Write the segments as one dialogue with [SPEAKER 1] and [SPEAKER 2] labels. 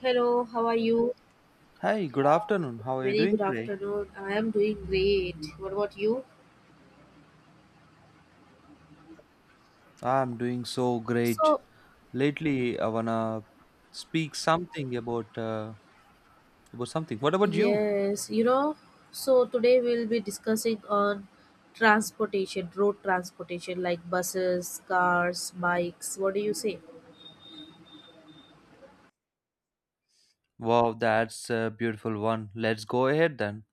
[SPEAKER 1] Hello, how are you?
[SPEAKER 2] Hi, good
[SPEAKER 1] Yeah,
[SPEAKER 2] afternoon. How are you
[SPEAKER 1] very good
[SPEAKER 2] doing today?
[SPEAKER 1] afternoon. I am doing great. What about you?
[SPEAKER 2] I'm doing so great.
[SPEAKER 1] So,
[SPEAKER 2] Lately, I wanna speak something about something. What about you?
[SPEAKER 1] yes, you know, so today we'll be discussing on transportation, road transportation like buses, cars, bikes. What do you say?
[SPEAKER 2] Wow, that's a beautiful one. Let's go ahead then.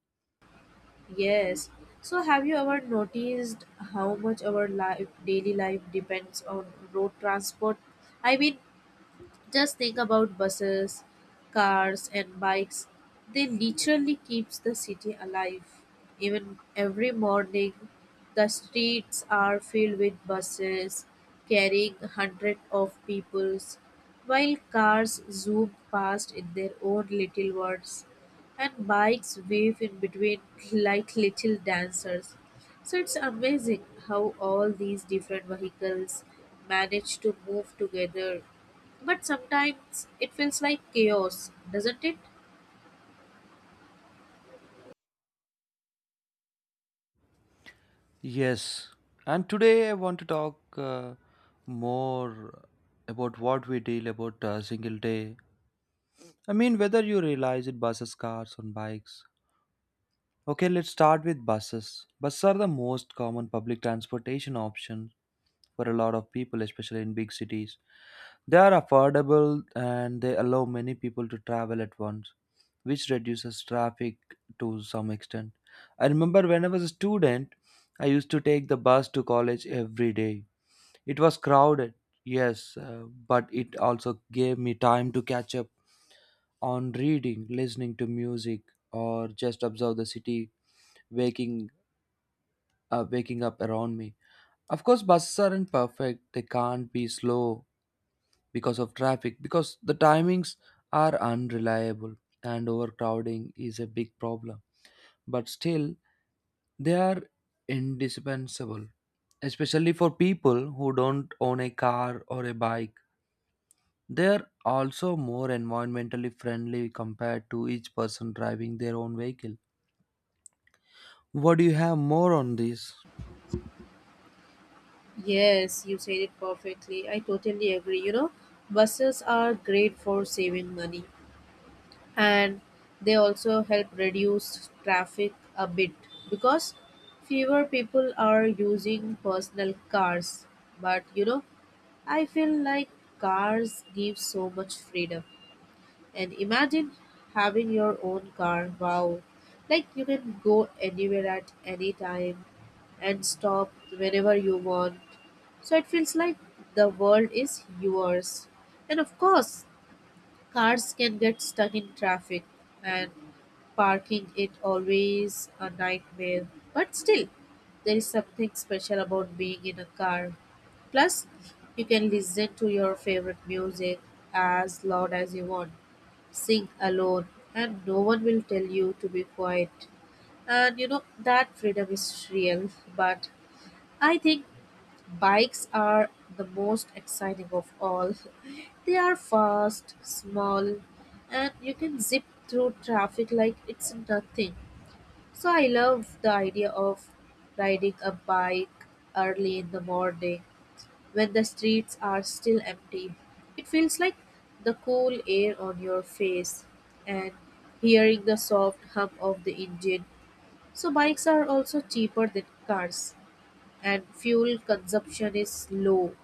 [SPEAKER 1] Yes. So, have you ever noticed how much our life, daily life depends on road transport? I mean, just think about buses, cars, and bikes. They literally keeps the city alive. Even every morning, the streets are filled with buses carrying hundreds of peoples, while cars zoom past in their own little worlds, and bikes wave in between like little dancers. So it's amazing how all these different vehicles manage to move together but sometimes it feels like chaos, doesn't it?
[SPEAKER 2] Yes, and today I want to talk more about what we deal about a single day. I mean, whether you realize it, buses, cars, and bikes. Okay, let's start with buses. Buses are the most common public transportation option for a lot of people, especially in big cities. They are affordable and they allow many people to travel at once, which reduces traffic to some extent. I remember when I was a student, I used to take the bus to college every day. It was crowded, yes, but it also gave me time to catch up on reading, listening to music, or just observe the city waking waking up around me. Of course, buses aren't perfect. They can't be slow because of traffic because the timings are unreliable and overcrowding is a big problem, but still they are indispensable, especially for people who don't own a car or a bike. They are also more environmentally friendly compared to each person driving their own vehicle. What do you have more on this?
[SPEAKER 1] Yes, you said it perfectly. I totally agree. Buses are great for saving money and they also help reduce traffic a bit because fewer people are using personal cars. But I feel like cars give so much freedom. And imagine having your own car. Wow. Like you can go anywhere at any time and stop whenever you want. So it feels like the world is yours. And of course, cars can get stuck in traffic, and parking it always a nightmare. But still, there is something special about being in a car. Plus, you can listen to your favorite music as loud as you want, sing alone, and no one will tell you to be quiet. And that freedom is real, but I think bikes are the most exciting of all. They are fast, small, and you can zip through traffic like it's nothing. So I love the idea of riding a bike early in the morning when the streets are still empty. It feels like the cool air on your face and hearing the soft hum of the engine. So bikes are also cheaper than cars and fuel consumption is low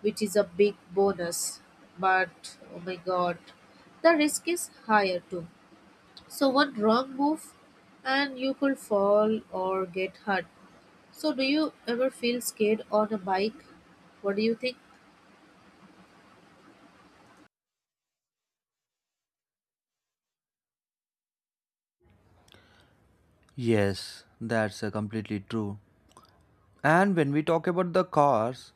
[SPEAKER 1] which is a big bonus. But oh my god, the risk is higher too. So one wrong move and you could fall or get hurt. So do you ever feel scared on a bike? What do you think?
[SPEAKER 2] Yes, that's completely true. And when we talk about the cars,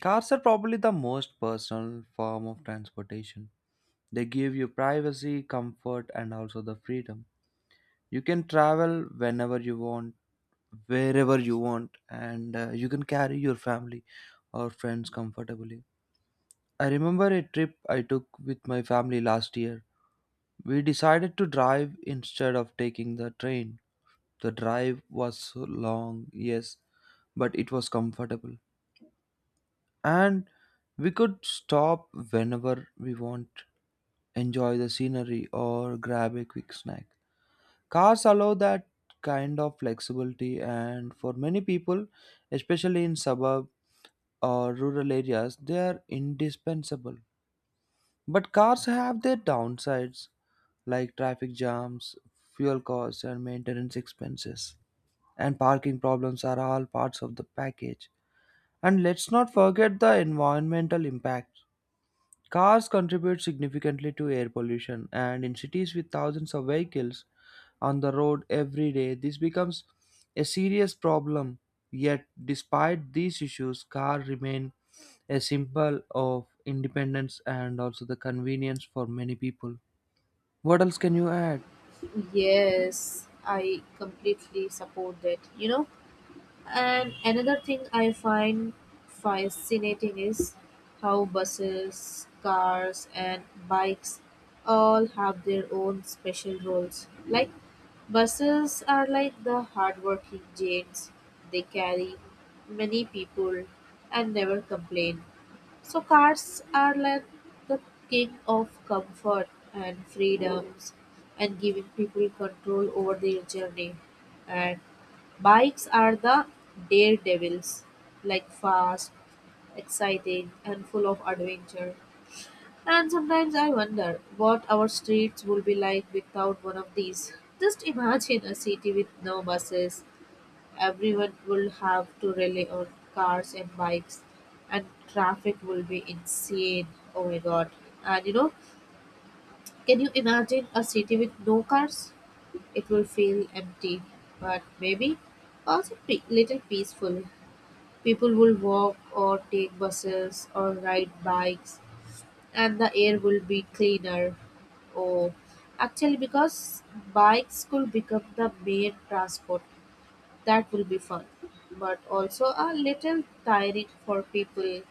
[SPEAKER 2] cars are probably the most personal form of transportation. They give you privacy, comfort, and also the freedom. You can travel whenever you want, wherever you want, and you can carry your family or friends comfortably. I remember a trip I took with my family last year. We decided to drive instead of taking the train. The drive was so long, yes, but it was comfortable, and we could stop whenever we want, enjoy the scenery, or grab a quick snack. Cars allow that kind of flexibility, and for many people, especially in suburb or rural areas, they are indispensable. But cars have their downsides like traffic jams, fuel costs, and maintenance expenses. And parking problems are all parts of the package. And let's not forget the environmental impact. Cars contribute significantly to air pollution, and in cities with thousands of vehicles on the road every day, this becomes a serious problem. Yet, despite these issues, cars remain a symbol of independence and also the convenience for many people. What else can you add?
[SPEAKER 1] Yes, I completely support that. You know, And another thing I find fascinating is how buses, cars, and bikes all have their own special roles. Like buses are like the hardworking giants, they carry many people and never complain. So cars are like the king of comfort and freedoms and giving people control over their journey. And bikes are the daredevils, like fast, exciting, and full of adventure. And sometimes I wonder what our streets will be like without one of these. Just imagine a city with no buses. Everyone will have to rely on cars and bikes, and traffic will be insane. Oh my god. And can you imagine a city with no cars? It will feel empty, but maybe also a little peaceful. People will walk or take buses or ride bikes, and the air will be cleaner. Oh, actually, because bikes could become the main transport that will be fun, but also a little tiring for people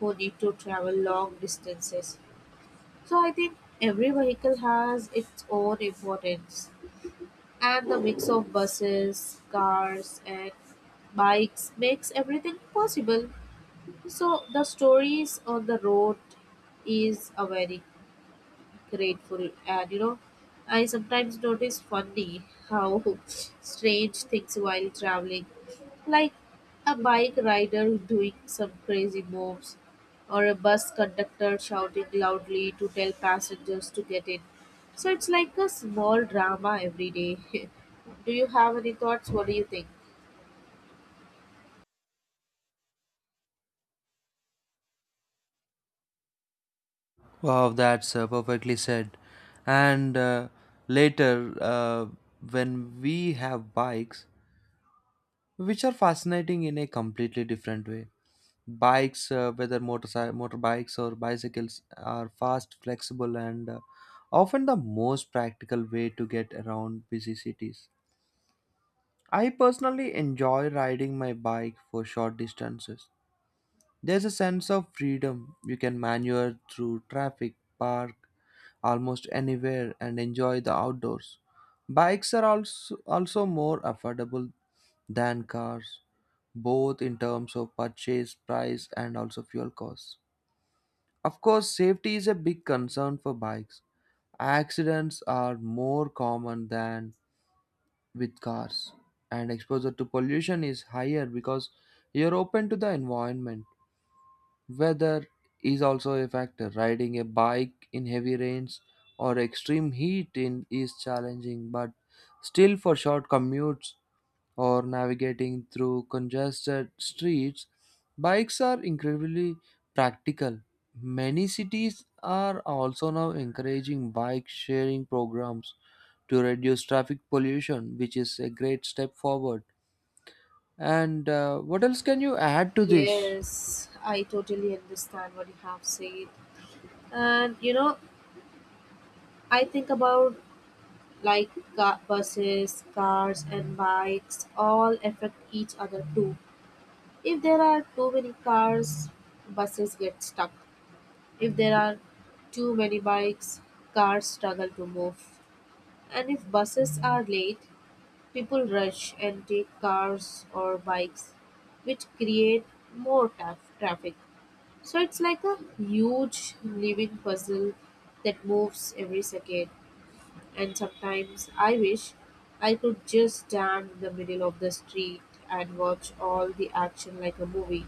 [SPEAKER 1] who need to travel long distances. So I think every vehicle has its own importance, and the mix of buses, cars, and bikes makes everything possible. So the stories on the road is a very grateful. And I sometimes notice funny how strange things while traveling, like a bike rider doing some crazy moves, or a bus conductor shouting loudly to tell passengers to get in. So it's like a small drama every day. Do you have any thoughts? What do you think?
[SPEAKER 2] Wow, that's perfectly said. And later, when we have bikes, which are fascinating in a completely different way. Bikes, whether motorbikes or bicycles, are fast, flexible, and often the most practical way to get around busy cities. I personally enjoy riding my bike for short distances. There's a sense of freedom. You can maneuver through traffic, park almost anywhere, and enjoy the outdoors. Bikes are also more affordable than cars, both in terms of purchase price and also fuel costs. Of course, safety is a big concern for bikes. Accidents are more common than with cars, and exposure to pollution is higher because you're open to the environment. Weather is also a factor. Riding a bike in heavy rains or extreme heat in is challenging, but still for short commutes, or navigating through congested streets, bikes are incredibly practical. Many cities are also now encouraging bike sharing programs to reduce traffic pollution, which is a great step forward. And what else can you add to this?
[SPEAKER 1] Yes, I totally understand what you have said. And I think about like buses, cars, and bikes all affect each other too. If there are too many cars, buses get stuck. If there are too many bikes, cars struggle to move. And if buses are late, people rush and take cars or bikes, which create more traffic. So it's like a huge living puzzle that moves every second. And sometimes I wish I could just stand in the middle of the street and watch all the action like a movie.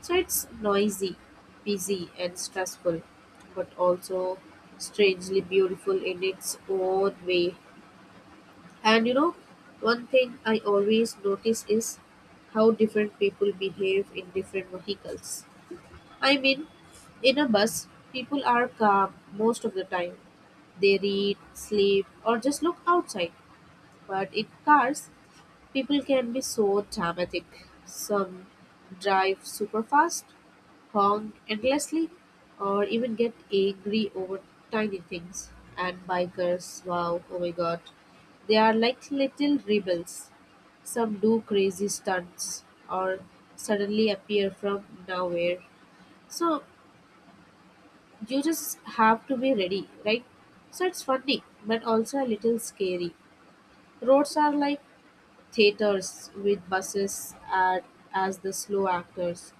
[SPEAKER 1] So it's noisy, busy, and stressful, but also strangely beautiful in its own way. And one thing I always notice is how different people behave in different vehicles. I mean, in a bus, people are calm most of the time. They read, sleep, or just look outside. But in cars, people can be so dramatic. Some drive super fast, honk endlessly, or even get angry over tiny things. And bikers, wow, oh my god, they are like little rebels. Some do crazy stunts or suddenly appear from nowhere. So you just have to be ready, right? So it's funny, but also a little scary. Roads are like theatres with buses as the slow actors,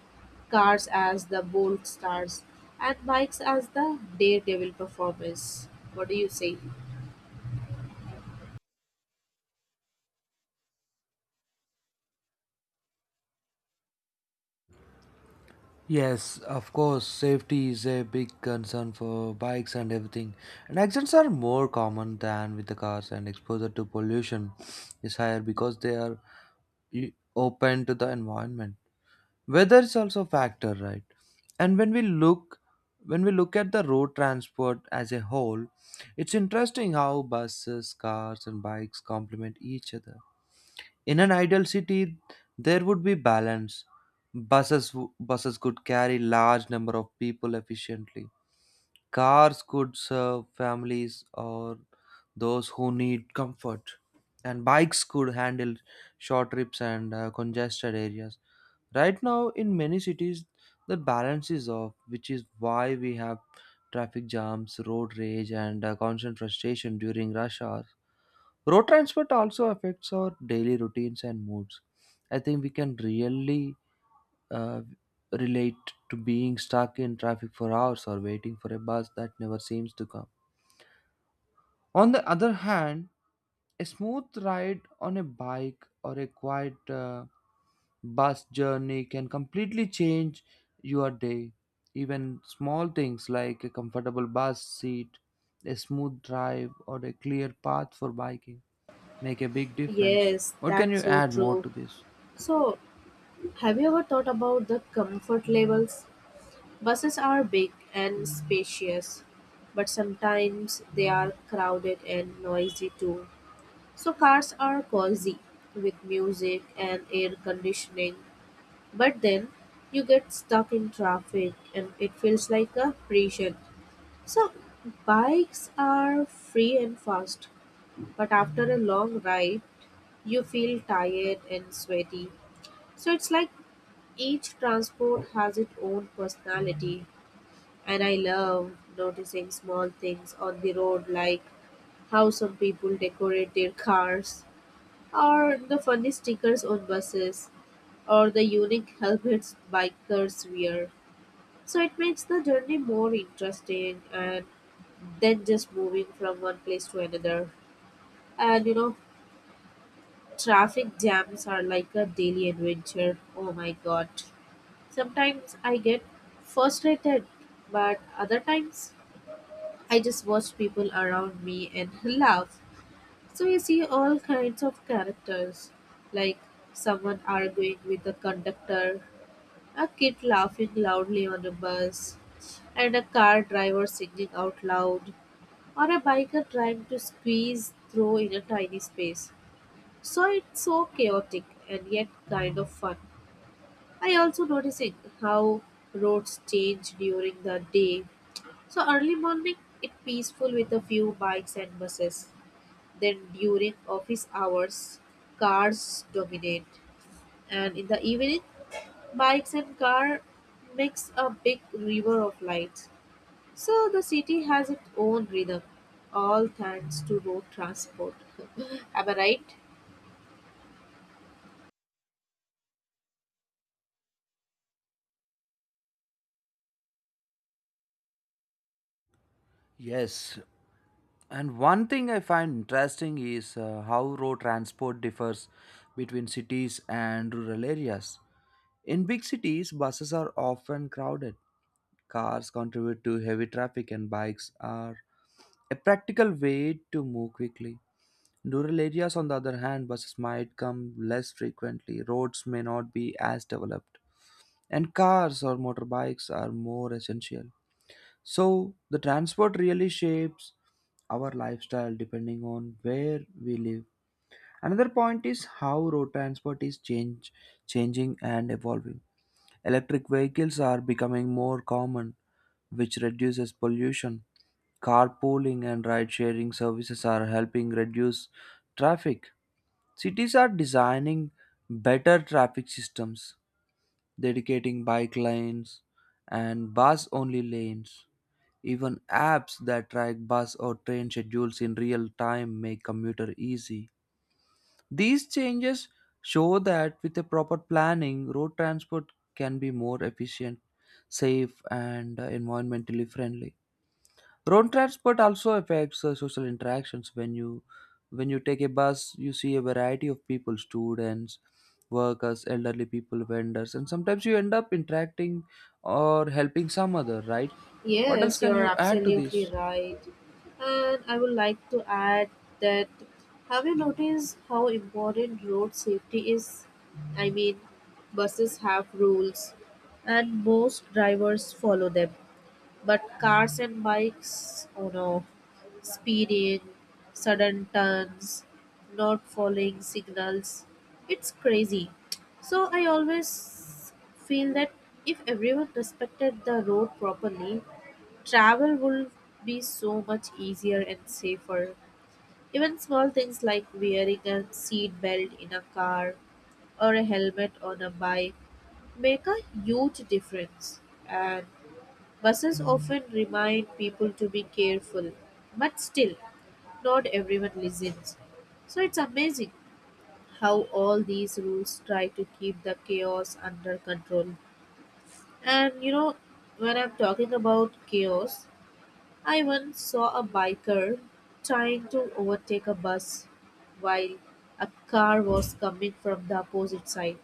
[SPEAKER 1] cars as the bold stars, and bikes as the daredevil performers. What do you say?
[SPEAKER 2] Yes, of course, safety is a big concern for bikes and everything. And accidents are more common than with the cars, and exposure to pollution is higher because they are open to the environment. Weather is also a factor, right? And when we look at the road transport as a whole, it's interesting how buses, cars, and bikes complement each other. In an ideal city there would be balance. Buses could carry large number of people efficiently, cars could serve families or those who need comfort, and bikes could handle short trips and congested areas. Right now, in many cities, the balance is off, which is why we have traffic jams, road rage, and constant frustration during rush hours. Road transport also affects our daily routines and moods. I think we can really uh, relate to being stuck in traffic for hours or waiting for a bus that never seems to come. On the other hand, a smooth ride on a bike or a quiet bus journey can completely change your day. Even small things like a comfortable bus seat, a smooth drive, or a clear path for biking make a big difference.
[SPEAKER 1] Yes,
[SPEAKER 2] What can you
[SPEAKER 1] that's so
[SPEAKER 2] add more
[SPEAKER 1] true.
[SPEAKER 2] to this?
[SPEAKER 1] So, have you ever thought about the comfort levels? Buses are big and spacious, but sometimes they are crowded and noisy too. So, cars are cozy with music and air conditioning, but then you get stuck in traffic and it feels like a prison. So bikes are free and fast, but after a long ride, you feel tired and sweaty. So it's like each transport has its own personality, and I love noticing small things on the road like how some people decorate their cars or the funny stickers on buses or the unique helmets bikers wear. So it makes the journey more interesting and than just moving from one place to another. And traffic jams are like a daily adventure. Oh my god. Sometimes I get frustrated, but other times I just watch people around me and laugh. So you see all kinds of characters like someone arguing with the conductor, a kid laughing loudly on a bus, and a car driver singing out loud, or a biker trying to squeeze through in a tiny space. So it's so chaotic and yet kind of fun. I also noticing how roads change during the day. So early morning it peaceful with a few bikes and buses. Then during office hours cars dominate and in the evening bikes and car makes a big river of lights. So the city has its own rhythm, all thanks to road transport. Am I right?
[SPEAKER 2] Yes, and one thing I find interesting is how road transport differs between cities and rural areas. In big cities, buses are often crowded, cars contribute to heavy traffic, and bikes are a practical way to move quickly. Rural areas, on the other hand, buses might come less frequently, roads may not be as developed, and cars or motorbikes are more essential. So, the transport really shapes our lifestyle depending on where we live. Another point is how road transport is changing and evolving. Electric vehicles are becoming more common, which reduces pollution. Carpooling and ride sharing services are helping reduce traffic. Cities are designing better traffic systems, dedicating bike lanes and bus only lanes. Even apps that track bus or train schedules in real time make commuter easy. These changes show that with a proper planning, road transport can be more efficient, safe, and environmentally friendly. Road transport also affects social interactions. When you take a bus, you see a variety of people: students, workers, elderly people, vendors, and sometimes you end up interacting or helping some other. Right? What else
[SPEAKER 1] Yes,
[SPEAKER 2] can
[SPEAKER 1] you're
[SPEAKER 2] you add to
[SPEAKER 1] absolutely
[SPEAKER 2] this?
[SPEAKER 1] right. And I would like to add that have you noticed how important road safety is? I mean, buses have rules and most drivers follow them. But cars and bikes, oh no. Speeding, sudden turns, not following signals. It's crazy. So I always feel that if everyone respected the road properly, travel would be so much easier and safer. Even small things like wearing a seat belt in a car or a helmet on a bike make a huge difference. And buses often remind people to be careful, but still, not everyone listens. So it's amazing how all these rules try to keep the chaos under control. And when I'm talking about chaos, I once saw a biker trying to overtake a bus while a car was coming from the opposite side,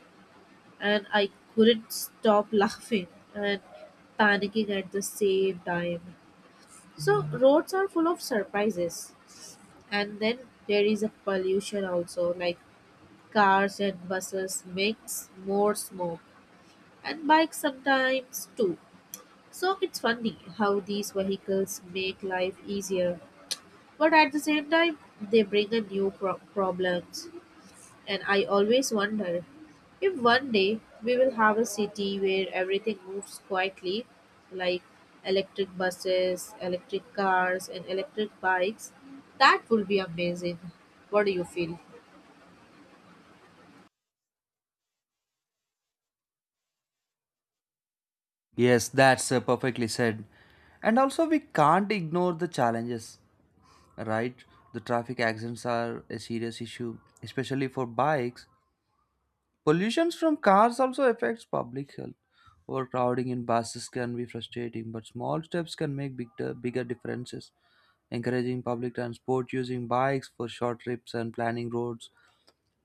[SPEAKER 1] and I couldn't stop laughing and panicking at the same time. So roads are full of surprises. And then there is a pollution also, like cars and buses makes more smoke and bikes sometimes too. So it's funny how these vehicles make life easier, but at the same time they bring a new problems. And I always wonder if one day we will have a city where everything moves quietly, like electric buses, electric cars, and electric bikes. That would be amazing. What do you feel?
[SPEAKER 2] Yes, that's perfectly said. And also, we can't ignore the challenges, right? The traffic accidents are a serious issue, especially for bikes. Pollution from cars also affects public health. Overcrowding in buses can be frustrating, but small steps can make bigger differences. Encouraging public transport, using bikes for short trips, and planning roads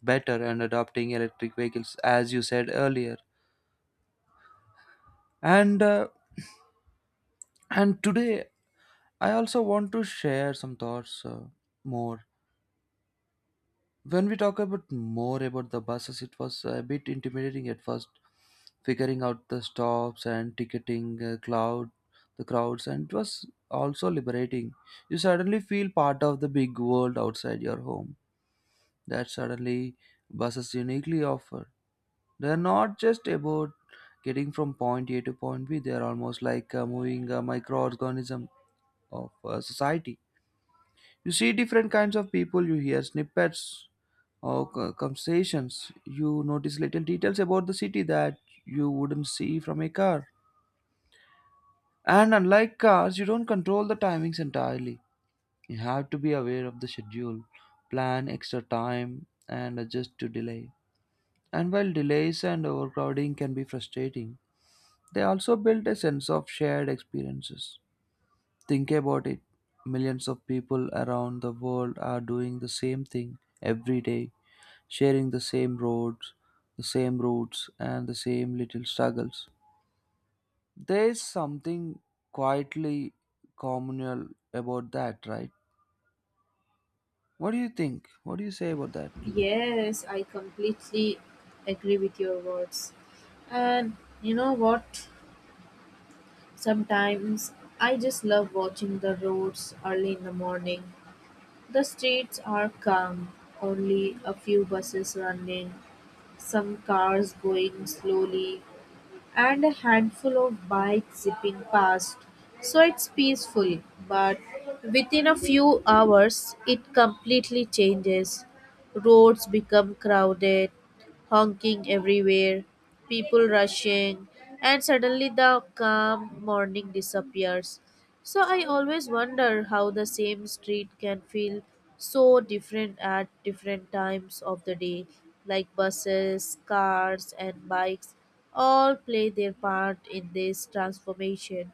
[SPEAKER 2] better, and adopting electric vehicles, as you said earlier. And uh, and today, I also want to share some thoughts more. When we talk about more about the buses, it was a bit intimidating at first, figuring out the stops and ticketing the crowds, and it was also liberating. You suddenly feel part of the big world outside your home that suddenly buses uniquely offer. They're not just about getting from point A to point B. They're almost like moving a microorganism of society. You see different kinds of people. You hear snippets or conversations. You notice little details about the city that you wouldn't see from a car. And unlike cars, you don't control the timings entirely. You have to be aware of the schedule, plan extra time, and adjust to delay. And while delays and overcrowding can be frustrating, they also build a sense of shared experiences. Think about it, millions of people around the world are doing the same thing every day, sharing the same roads, the same routes, and the same little struggles. There is something quietly communal about that, right? What do you think? What do you say about that?
[SPEAKER 1] Yes, I completely agree with your words. And you know what? Sometimes I just love watching the roads early in the morning. The streets are calm, only a few buses running, some cars going slowly, and a handful of bikes zipping past. So it's peaceful, but within a few hours, it completely changes. Roads become crowded, honking everywhere, people rushing, and suddenly the calm morning disappears. So I always wonder how the same street can feel so different at different times of the day, like buses, cars, and bikes all play their part in this transformation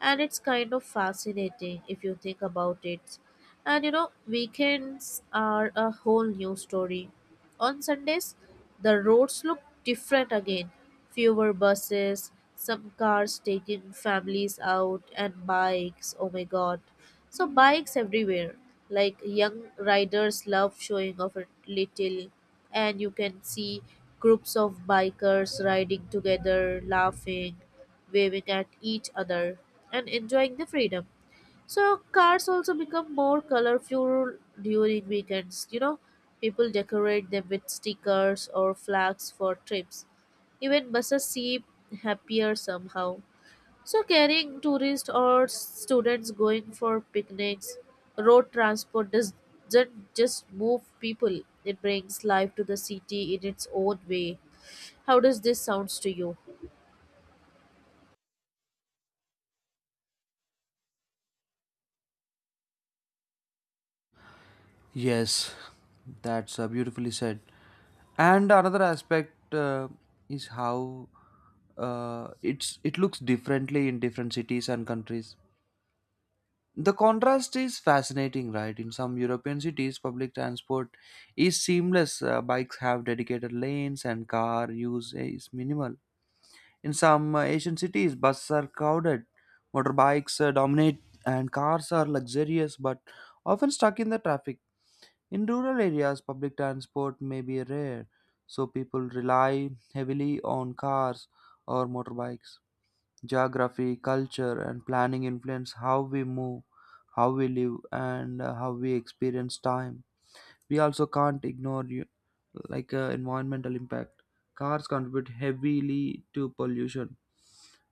[SPEAKER 1] and it's kind of fascinating if you think about it. And weekends are a whole new story. On Sundays, the roads look different again. Fewer buses, some cars taking families out, and bikes. Oh my god. So, bikes everywhere. Like young riders love showing off a little, and you can see groups of bikers riding together, laughing, waving at each other and enjoying the freedom. So cars also become more colorful during weekends. People decorate them with stickers or flags for trips. Even buses seem happier somehow. So carrying tourists or students going for picnics, road transport doesn't just move people. It brings life to the city in its own way. How does this sounds to you?
[SPEAKER 2] Yes, that's beautifully said. And another aspect is how it's it looks differently in different cities and countries. The contrast is fascinating, right? In some European cities, public transport is seamless. Bikes have dedicated lanes and car use is minimal. In some Asian cities, buses are crowded, motorbikes dominate, and cars are luxurious but often stuck in the traffic. In rural areas, public transport may be rare, so people rely heavily on cars or motorbikes. Geography, culture, and planning influence how we move, how we live, and how we experience time. We also can't ignore like environmental impact. Cars contribute heavily to pollution.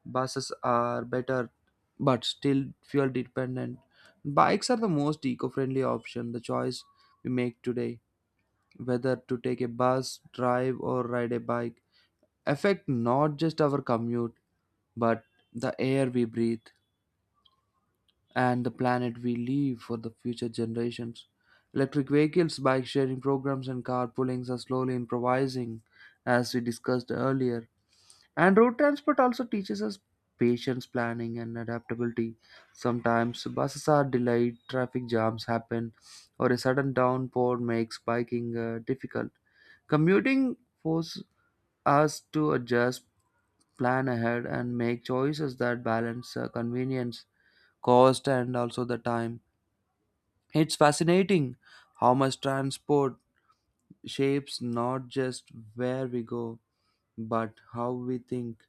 [SPEAKER 2] Buses are better, but still fuel dependent. Bikes are the most eco-friendly option. The choice we make today, whether to take a bus, drive, or ride a bike, affect not just our commute, but the air we breathe and the planet we leave for the future generations. Electric vehicles, bike sharing programs, and carpoolings are slowly improvising, as we discussed earlier. And road transport also teaches us patience, planning, and adaptability. Sometimes buses are delayed, traffic jams happen, or a sudden downpour makes biking difficult. Commuting forces us to adjust, plan ahead, and make choices that balance convenience, cost, and also the time. It's fascinating how much transport shapes not just where we go, but how we think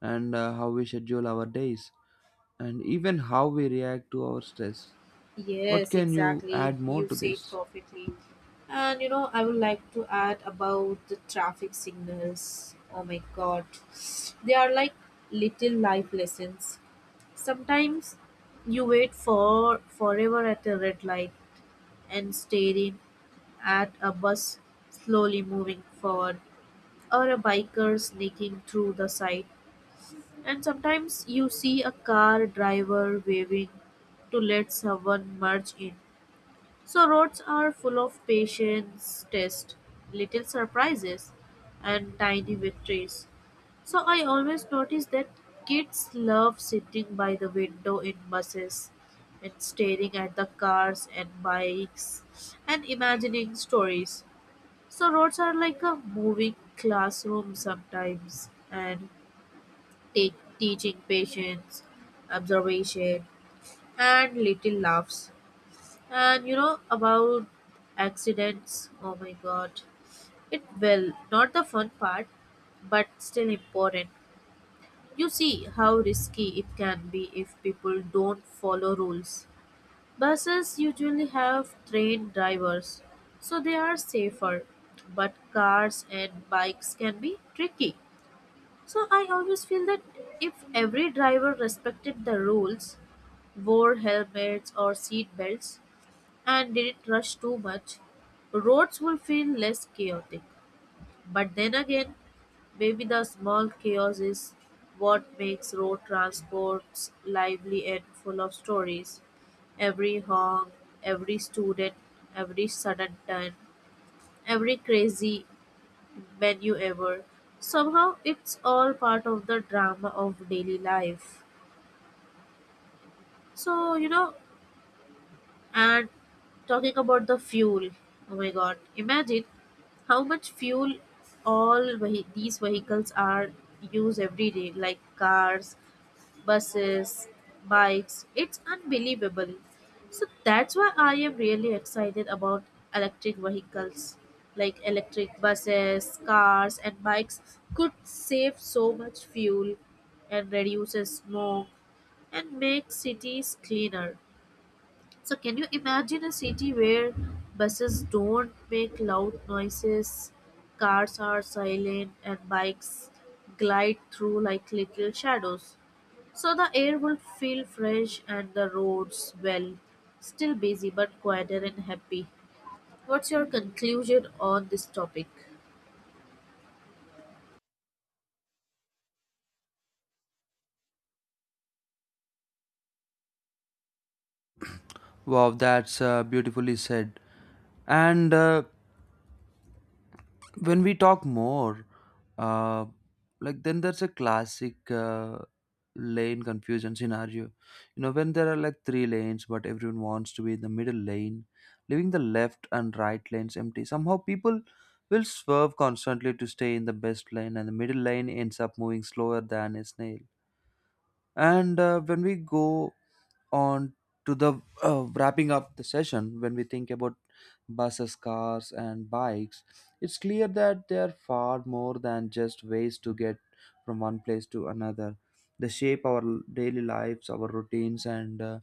[SPEAKER 2] and how we schedule our days, and even how we react to our stress. What
[SPEAKER 1] Yes,
[SPEAKER 2] can you
[SPEAKER 1] exactly.
[SPEAKER 2] add more
[SPEAKER 1] You
[SPEAKER 2] to
[SPEAKER 1] said
[SPEAKER 2] this?
[SPEAKER 1] perfectly. And I would like to add about the traffic signals. Oh my god. They are like little life lessons. Sometimes you wait for forever at a red light and staring at a bus slowly moving forward or a biker sneaking through the side. And sometimes you see a car driver waving to let someone merge in so roads are full of patience, tests, little surprises, and tiny victories. So I always notice that kids love sitting by the window in buses and staring at the cars and bikes and imagining stories. So roads are like a moving classroom sometimes and take teaching patience, observation and little laughs. And you know about accidents? Oh my god. It will. Not the fun part, but still important. You see how risky it can be if people don't follow rules. Buses usually have trained drivers, so they are safer. But cars and bikes can be tricky. So I always feel that if every driver respected the rules, wore helmets or seat belts, and didn't rush too much, roads will feel less chaotic. But then again, maybe the small chaos is what makes road transports lively and full of stories. Every honk, every student, every sudden turn, every crazy menu ever. Somehow it's all part of the drama of daily life. So, you know, And talking about the fuel, oh my god, imagine how much fuel all these vehicles are used every day, like cars, buses, bikes. It's unbelievable. So that's why I am really excited about electric vehicles. Like electric buses, cars, and bikes could save so much fuel and reduces smoke and make cities cleaner. So can you imagine a city where buses don't make loud noises, cars are silent and bikes glide through like little shadows? So the air will feel fresh and the roads well, still busy but quieter and happy. What's your conclusion on this topic?
[SPEAKER 2] Wow, that's beautifully said. And when we talk more, uh, like then there's a classic. Lane confusion scenario. You know, when there are like three lanes, but everyone wants to be in the middle lane, leaving the left and right lanes empty. Somehow people will swerve constantly to stay in the best lane, and the middle lane ends up moving slower than a snail. And when we go on to the wrapping up the session, when we think about buses, cars, and bikes, it's clear that they are far more than just ways to get from one place to another. They shape our daily lives, our routines, and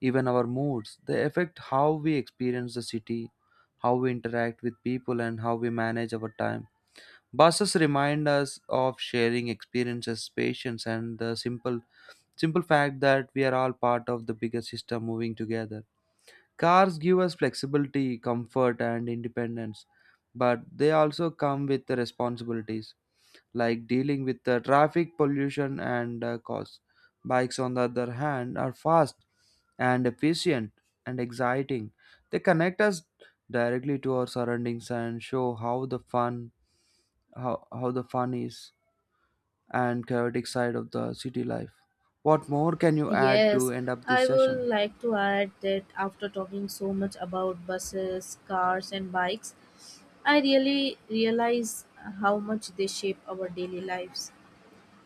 [SPEAKER 2] even our moods. They affect how we experience the city, how we interact with people, and how we manage our time. Buses remind us of sharing experiences, patience, and the simple fact that we are all part of the bigger system moving together. Cars give us flexibility, comfort, and independence, but they also come with the responsibilities like dealing with the traffic, pollution, and costs. Bikes, on the other hand, are fast and efficient and exciting. They connect us directly to our surroundings and show how the fun how the fun is and chaotic side of the city life. What more can you add to
[SPEAKER 1] Yes,
[SPEAKER 2] end up this
[SPEAKER 1] I would
[SPEAKER 2] session?
[SPEAKER 1] like to add that after talking so much about buses, cars, and bikes, I really realize how much they shape our daily lives.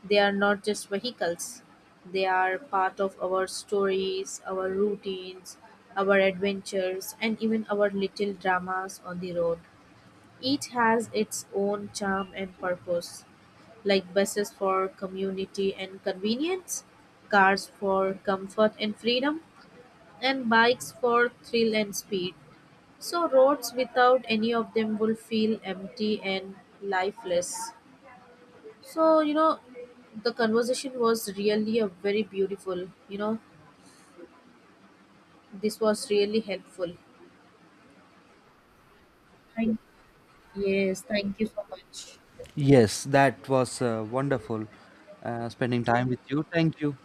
[SPEAKER 1] They are not just vehicles, they are part of our stories, our routines, our adventures, and even our little dramas on the road. Each has its own charm and purpose, like buses for community and convenience, cars for comfort and freedom, and bikes for thrill and speed. So, roads without any of them will feel empty and lifeless. So, the conversation was really a very beautiful. This was really helpful. Thank- Yes, thank you so much.
[SPEAKER 2] Yes, that was wonderful spending time with you. Thank you.